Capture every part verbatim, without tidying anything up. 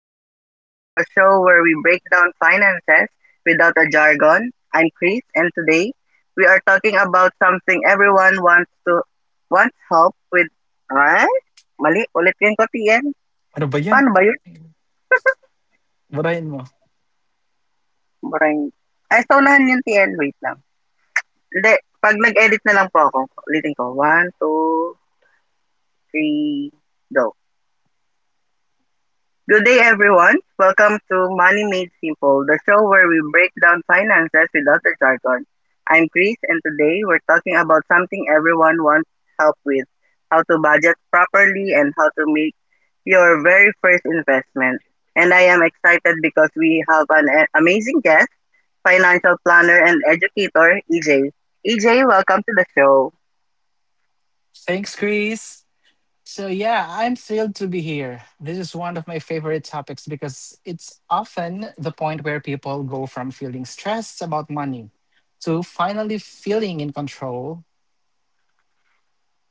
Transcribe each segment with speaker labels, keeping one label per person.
Speaker 1: Made Simple, the show where we break down finances without a jargon. I'm Chris, and today we are talking about something everyone wants to wants help with. Ah, Mali. Ulit yun ko, T N.
Speaker 2: Ano ba yan?
Speaker 1: Paano ba yun?
Speaker 2: Burahin mo.
Speaker 1: Boring. Ay, saulahan yun, T N. Wait lang. Hindi. Pag nag-edit na lang po ako, ulitin ko. One, two, three, go. Good day, everyone. Welcome to Money Made Simple, the show where we break down finances without the jargon. I'm Chris, and today we're talking about something everyone wants help with, how to budget properly and how to make your very first investment. And I am excited because we have an a- amazing guest, financial planner and educator, E J. E J, welcome to the show.
Speaker 2: Thanks, Chris. So yeah, I'm thrilled to be here. This is one of my favorite topics because it's often the point where people go from feeling stressed about money to finally feeling in control.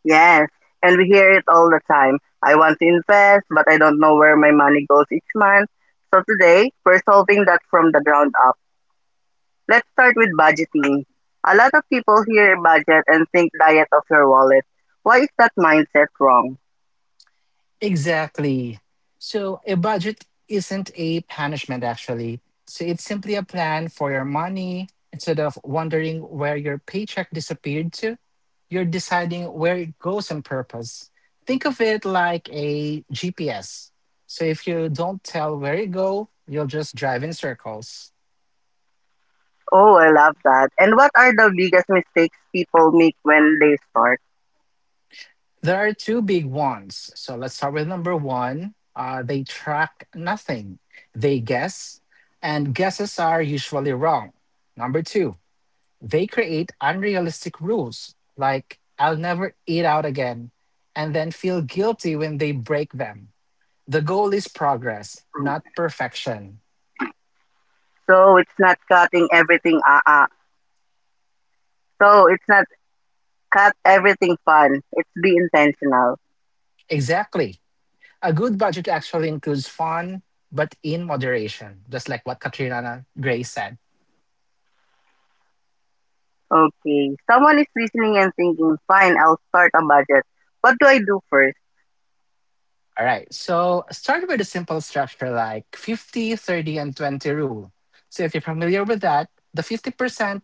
Speaker 1: Yes, and we hear it all the time. I want to invest, but I don't know where my money goes each month. So today, we're solving that from the ground up. Let's start with budgeting. A lot of people hear budget and think diet of your wallet. Why is that mindset wrong?
Speaker 2: Exactly. So a budget isn't a punishment, actually. So it's simply a plan for your money. Instead of wondering where your paycheck disappeared to, you're deciding where it goes on purpose. Think of it like a G P S. So if you don't tell where you go, you'll just drive in circles.
Speaker 1: Oh, I love that. And what are the biggest mistakes people make when they start?
Speaker 2: There are two big ones. So let's start with number one. Uh, they track nothing, they guess, and guesses are usually wrong. Number two, they create unrealistic rules like I'll never eat out again and then feel guilty when they break them. The goal is progress, not perfection.
Speaker 1: So it's not cutting everything, uh uh. So it's not cut everything fun. It's be intentional.
Speaker 2: Exactly. A good budget actually includes fun, but in moderation, just like what Katrina Gray said.
Speaker 1: Okay. Someone is listening and thinking, fine, I'll start a budget. What do I do first?
Speaker 2: All right. So start with a simple structure like fifty, thirty, and twenty rule. So if you're familiar with that, the fifty percent,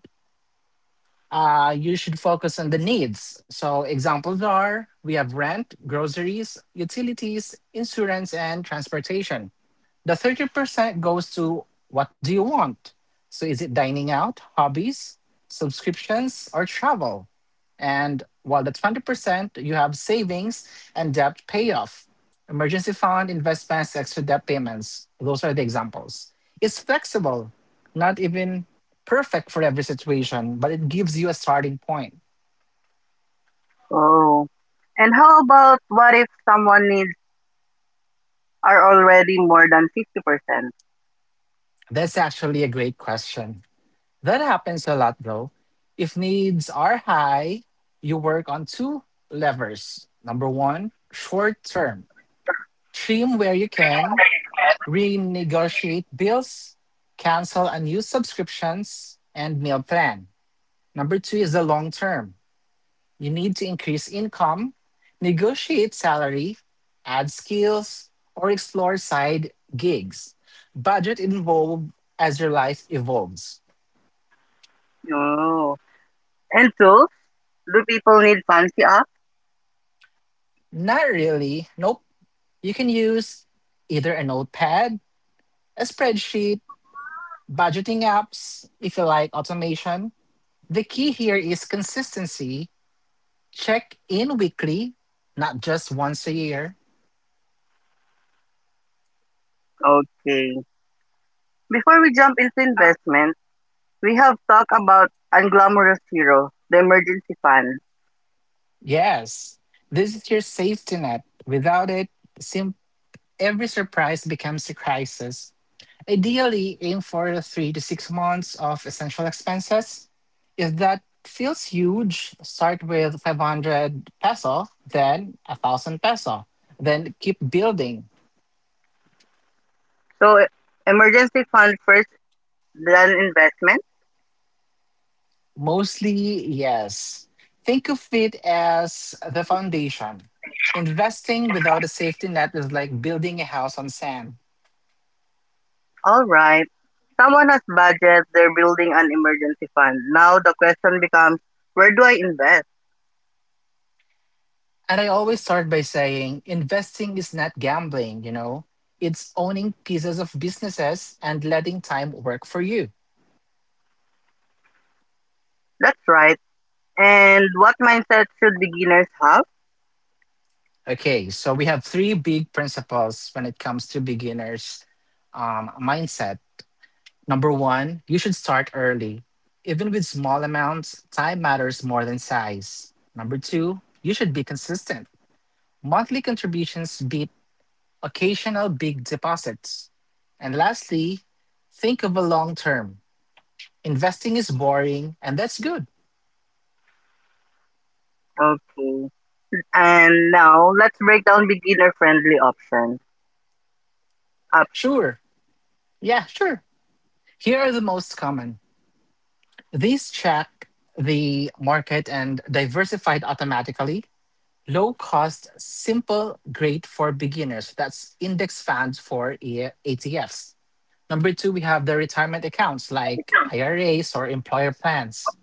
Speaker 2: uh, you should focus on the needs. So examples are we have rent, groceries, utilities, insurance, and transportation. The thirty percent goes to what do you want? So is it dining out, hobbies, subscriptions, or travel? And while the twenty percent, you have savings and debt payoff, emergency fund, investments, extra debt payments. Those are the examples. It's flexible, not even perfect for every situation, but it gives you a starting point.
Speaker 1: Oh. And how about what if someone needs are already more than fifty percent?
Speaker 2: That's actually a great question. That happens a lot though. If needs are high, you work on two levers. Number one, short term. Trim where you can, renegotiate bills, cancel unused subscriptions, and meal plan. Number two is the long term. You need to increase income, negotiate salary, add skills, or explore side gigs. Budget involved as your life evolves.
Speaker 1: Oh. And tools? Do people need fancy apps?
Speaker 2: Not really, no. You can use either a notepad, a spreadsheet, budgeting apps, if you like automation. The key here is consistency. Check in weekly, not just once a year.
Speaker 1: Okay. Before we jump into investment, we have talked about Unglamorous Hero, the emergency fund.
Speaker 2: Yes, this is your safety net. Without it, sim- every surprise becomes a crisis. Ideally, aim for three to six months of essential expenses. If that feels huge, start with five hundred peso, then one thousand peso, then keep building.
Speaker 1: So, emergency fund first, then investment.
Speaker 2: Mostly, yes. Think of it as the foundation. Investing without a safety net is like building a house on sand.
Speaker 1: All right. Someone has budget, they're building an emergency fund. Now the question becomes, where do I invest?
Speaker 2: And I always start by saying investing is not gambling, you know, it's owning pieces of businesses and letting time work for you.
Speaker 1: That's right. And what mindset should beginners have?
Speaker 2: Okay, so we have three big principles when it comes to beginners' um, mindset. Number one, you should start early. Even with small amounts, time matters more than size. Number two, you should be consistent. Monthly contributions beat occasional big deposits. And lastly, think of a long term. Investing is boring, and that's good.
Speaker 1: Okay. And now let's break down beginner friendly options. Op-
Speaker 2: Sure. Yeah, sure. Here are the most common. These check the market and diversified automatically. Low cost, simple, great for beginners. That's index funds for E- ETFs. Number two, we have the retirement accounts like I R As or employer plans.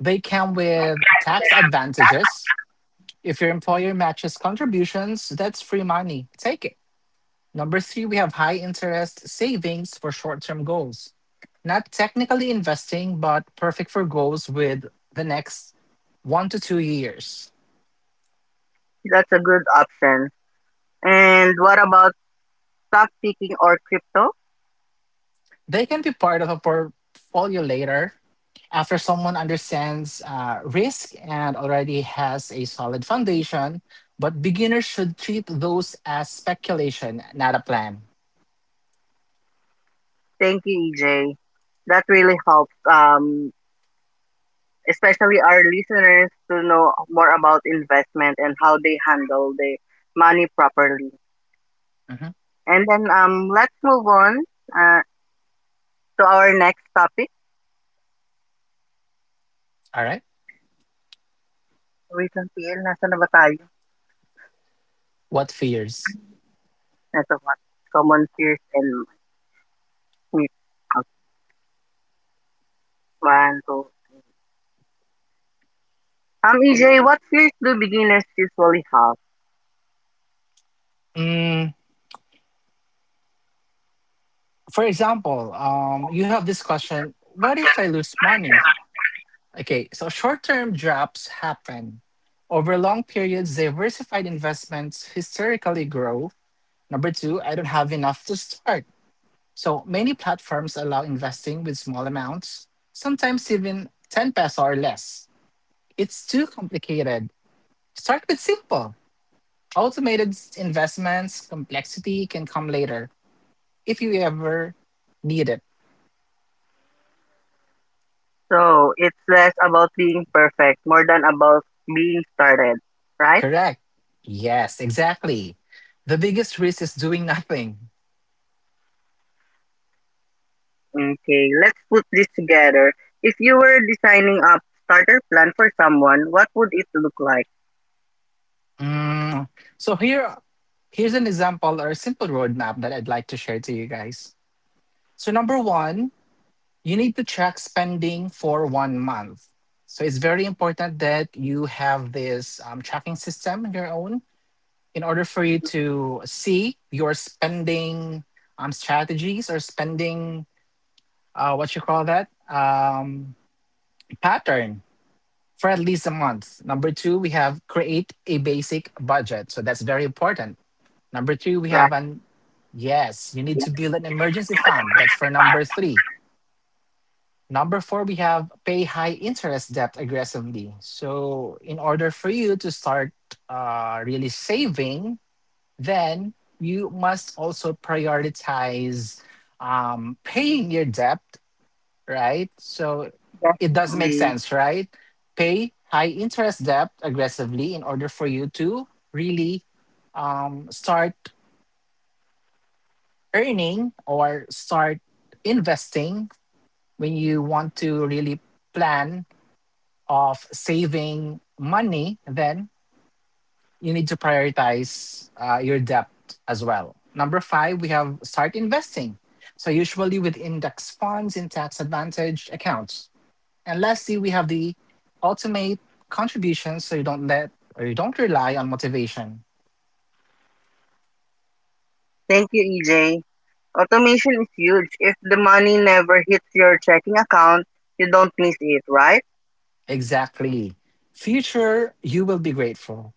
Speaker 2: They come with tax advantages. If your employer matches contributions, that's free money. Take it. Number three, we have high interest savings for short term goals. Not technically investing, but perfect for goals with the next one to two years.
Speaker 1: that's a good option. And what about stock picking or crypto?
Speaker 2: They can be part of a portfolio later after someone understands uh, risk and already has a solid foundation. But beginners should treat those as speculation, not a plan.
Speaker 1: Thank you, E J. That really helps, um especially our listeners to know more about investment and how they handle their money properly.
Speaker 2: Mhm.
Speaker 1: And then um, let's move on uh, to our next topic.
Speaker 2: All right.
Speaker 1: Wait lang, P L. Nasaan na ba tayo?
Speaker 2: What fears?
Speaker 1: Ito what? Common fears and myths. Okay, one, two. Um, E J, what fears do beginners usually have?
Speaker 2: Mm, for example, um, you have this question. What if I lose money? Okay, so short term drops happen. Over long periods, diversified investments historically grow. Number two, I don't have enough to start. So many platforms allow investing with small amounts, sometimes even ten peso or less. It's too complicated. Start with simple. Automated s- investments, complexity can come later if you ever need it.
Speaker 1: So, it's less about being perfect, more than about being started, right?
Speaker 2: Correct. Yes, exactly. The biggest risk is doing nothing.
Speaker 1: Okay, let's put this together. If you were designing a starter plan for someone, what would it look like?
Speaker 2: Mm, so here, here's an example or a simple roadmap that I'd like to share to you guys. So number one, you need to track spending for one month. So it's very important that you have this um, tracking system in your own in order for you to see your spending um, strategies or spending uh, what you call that um, pattern for at least a month. Number two, we have create a basic budget. So that's very important. Number three, we have
Speaker 1: Right,
Speaker 2: an yes, you need
Speaker 1: yeah,
Speaker 2: to build an emergency fund. That's for number three. Number four, we have pay high interest debt aggressively. So, in order for you to start uh, really saving, then you must also prioritize um, paying your debt, right? So, it does make
Speaker 1: definitely.
Speaker 2: sense, right? Pay high interest debt aggressively in order for you to really um, start earning or start investing when you want to really plan of saving money, then you need to prioritize uh, your debt as well. Number five, we have start investing, so usually with index funds in tax advantage accounts. And lastly, we have the ultimate contributions, so you don't let or you don't rely on motivation.
Speaker 1: Thank you, E J. Automation is huge. If the money never hits your checking account, you don't miss it, right?
Speaker 2: Exactly. Future you will be grateful.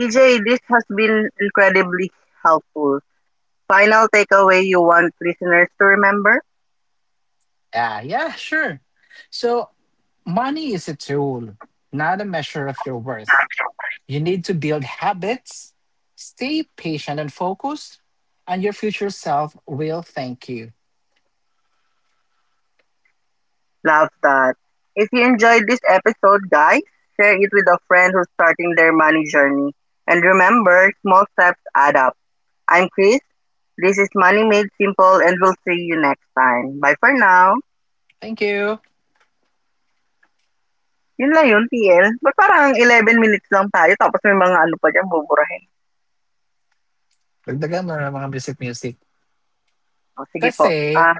Speaker 1: E J, this has been incredibly helpful. Final takeaway you want listeners to remember?
Speaker 2: Yeah, yeah, sure. So money is a tool, not a measure of your worth. You need to build habits, stay patient and focused, and your future self will thank you.
Speaker 1: Love that. If you enjoyed this episode, guys, share it with a friend who's starting their money journey. And remember, small steps add up. I'm Chris. This is Money Made Simple, and we'll see you next time. Bye for now.
Speaker 2: Thank you.
Speaker 1: Yun lang yun, T L. Ba't parang eleven minutes lang tayo tapos may mga ano pa dyan buburahin?
Speaker 2: Dagdagan mo na ng mga music-music.
Speaker 1: O, sige po.
Speaker 2: Kasi
Speaker 1: Ah,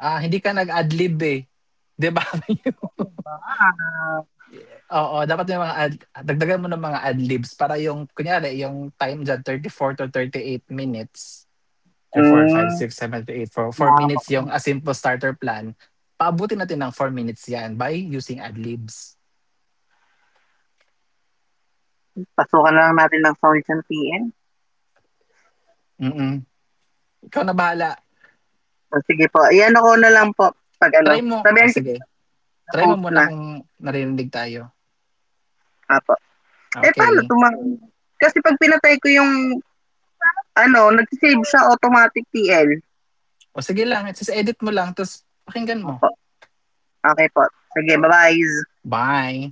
Speaker 2: ah, hindi ka nag-adlib eh. 'Di ba?
Speaker 1: Wow.
Speaker 2: Oo, dapat may mga ad- dagdagan mo ng mga adlibs para yung kunyari yung time dyan thirty four to thirty eight minutes. three four five
Speaker 1: Mm,
Speaker 2: six seven eight four four
Speaker 1: yeah.
Speaker 2: minutes yung a simple starter plan. Paabutin natin ng four minutes yan by using adlibs.
Speaker 1: Pasukan na lang natin ng sounds ng T L.
Speaker 2: Mm. mm Ikaw na bahala.
Speaker 1: O, sige po. Iyan ako na lang po pag
Speaker 2: Try
Speaker 1: ano.
Speaker 2: mo. O
Speaker 1: Sabihan ko
Speaker 2: sige.
Speaker 1: na
Speaker 2: Try mo
Speaker 1: post na.
Speaker 2: muna kung narinig tayo.
Speaker 1: Apo. Eh, paano
Speaker 2: Okay.
Speaker 1: tumang... Kasi pag pinatay ko yung ano, nagsisave siya automatic T L.
Speaker 2: O sige lang. It's just edit mo lang tapos pakinggan mo.
Speaker 1: Apo. Okay po. Sige, bye-bye.
Speaker 2: Bye.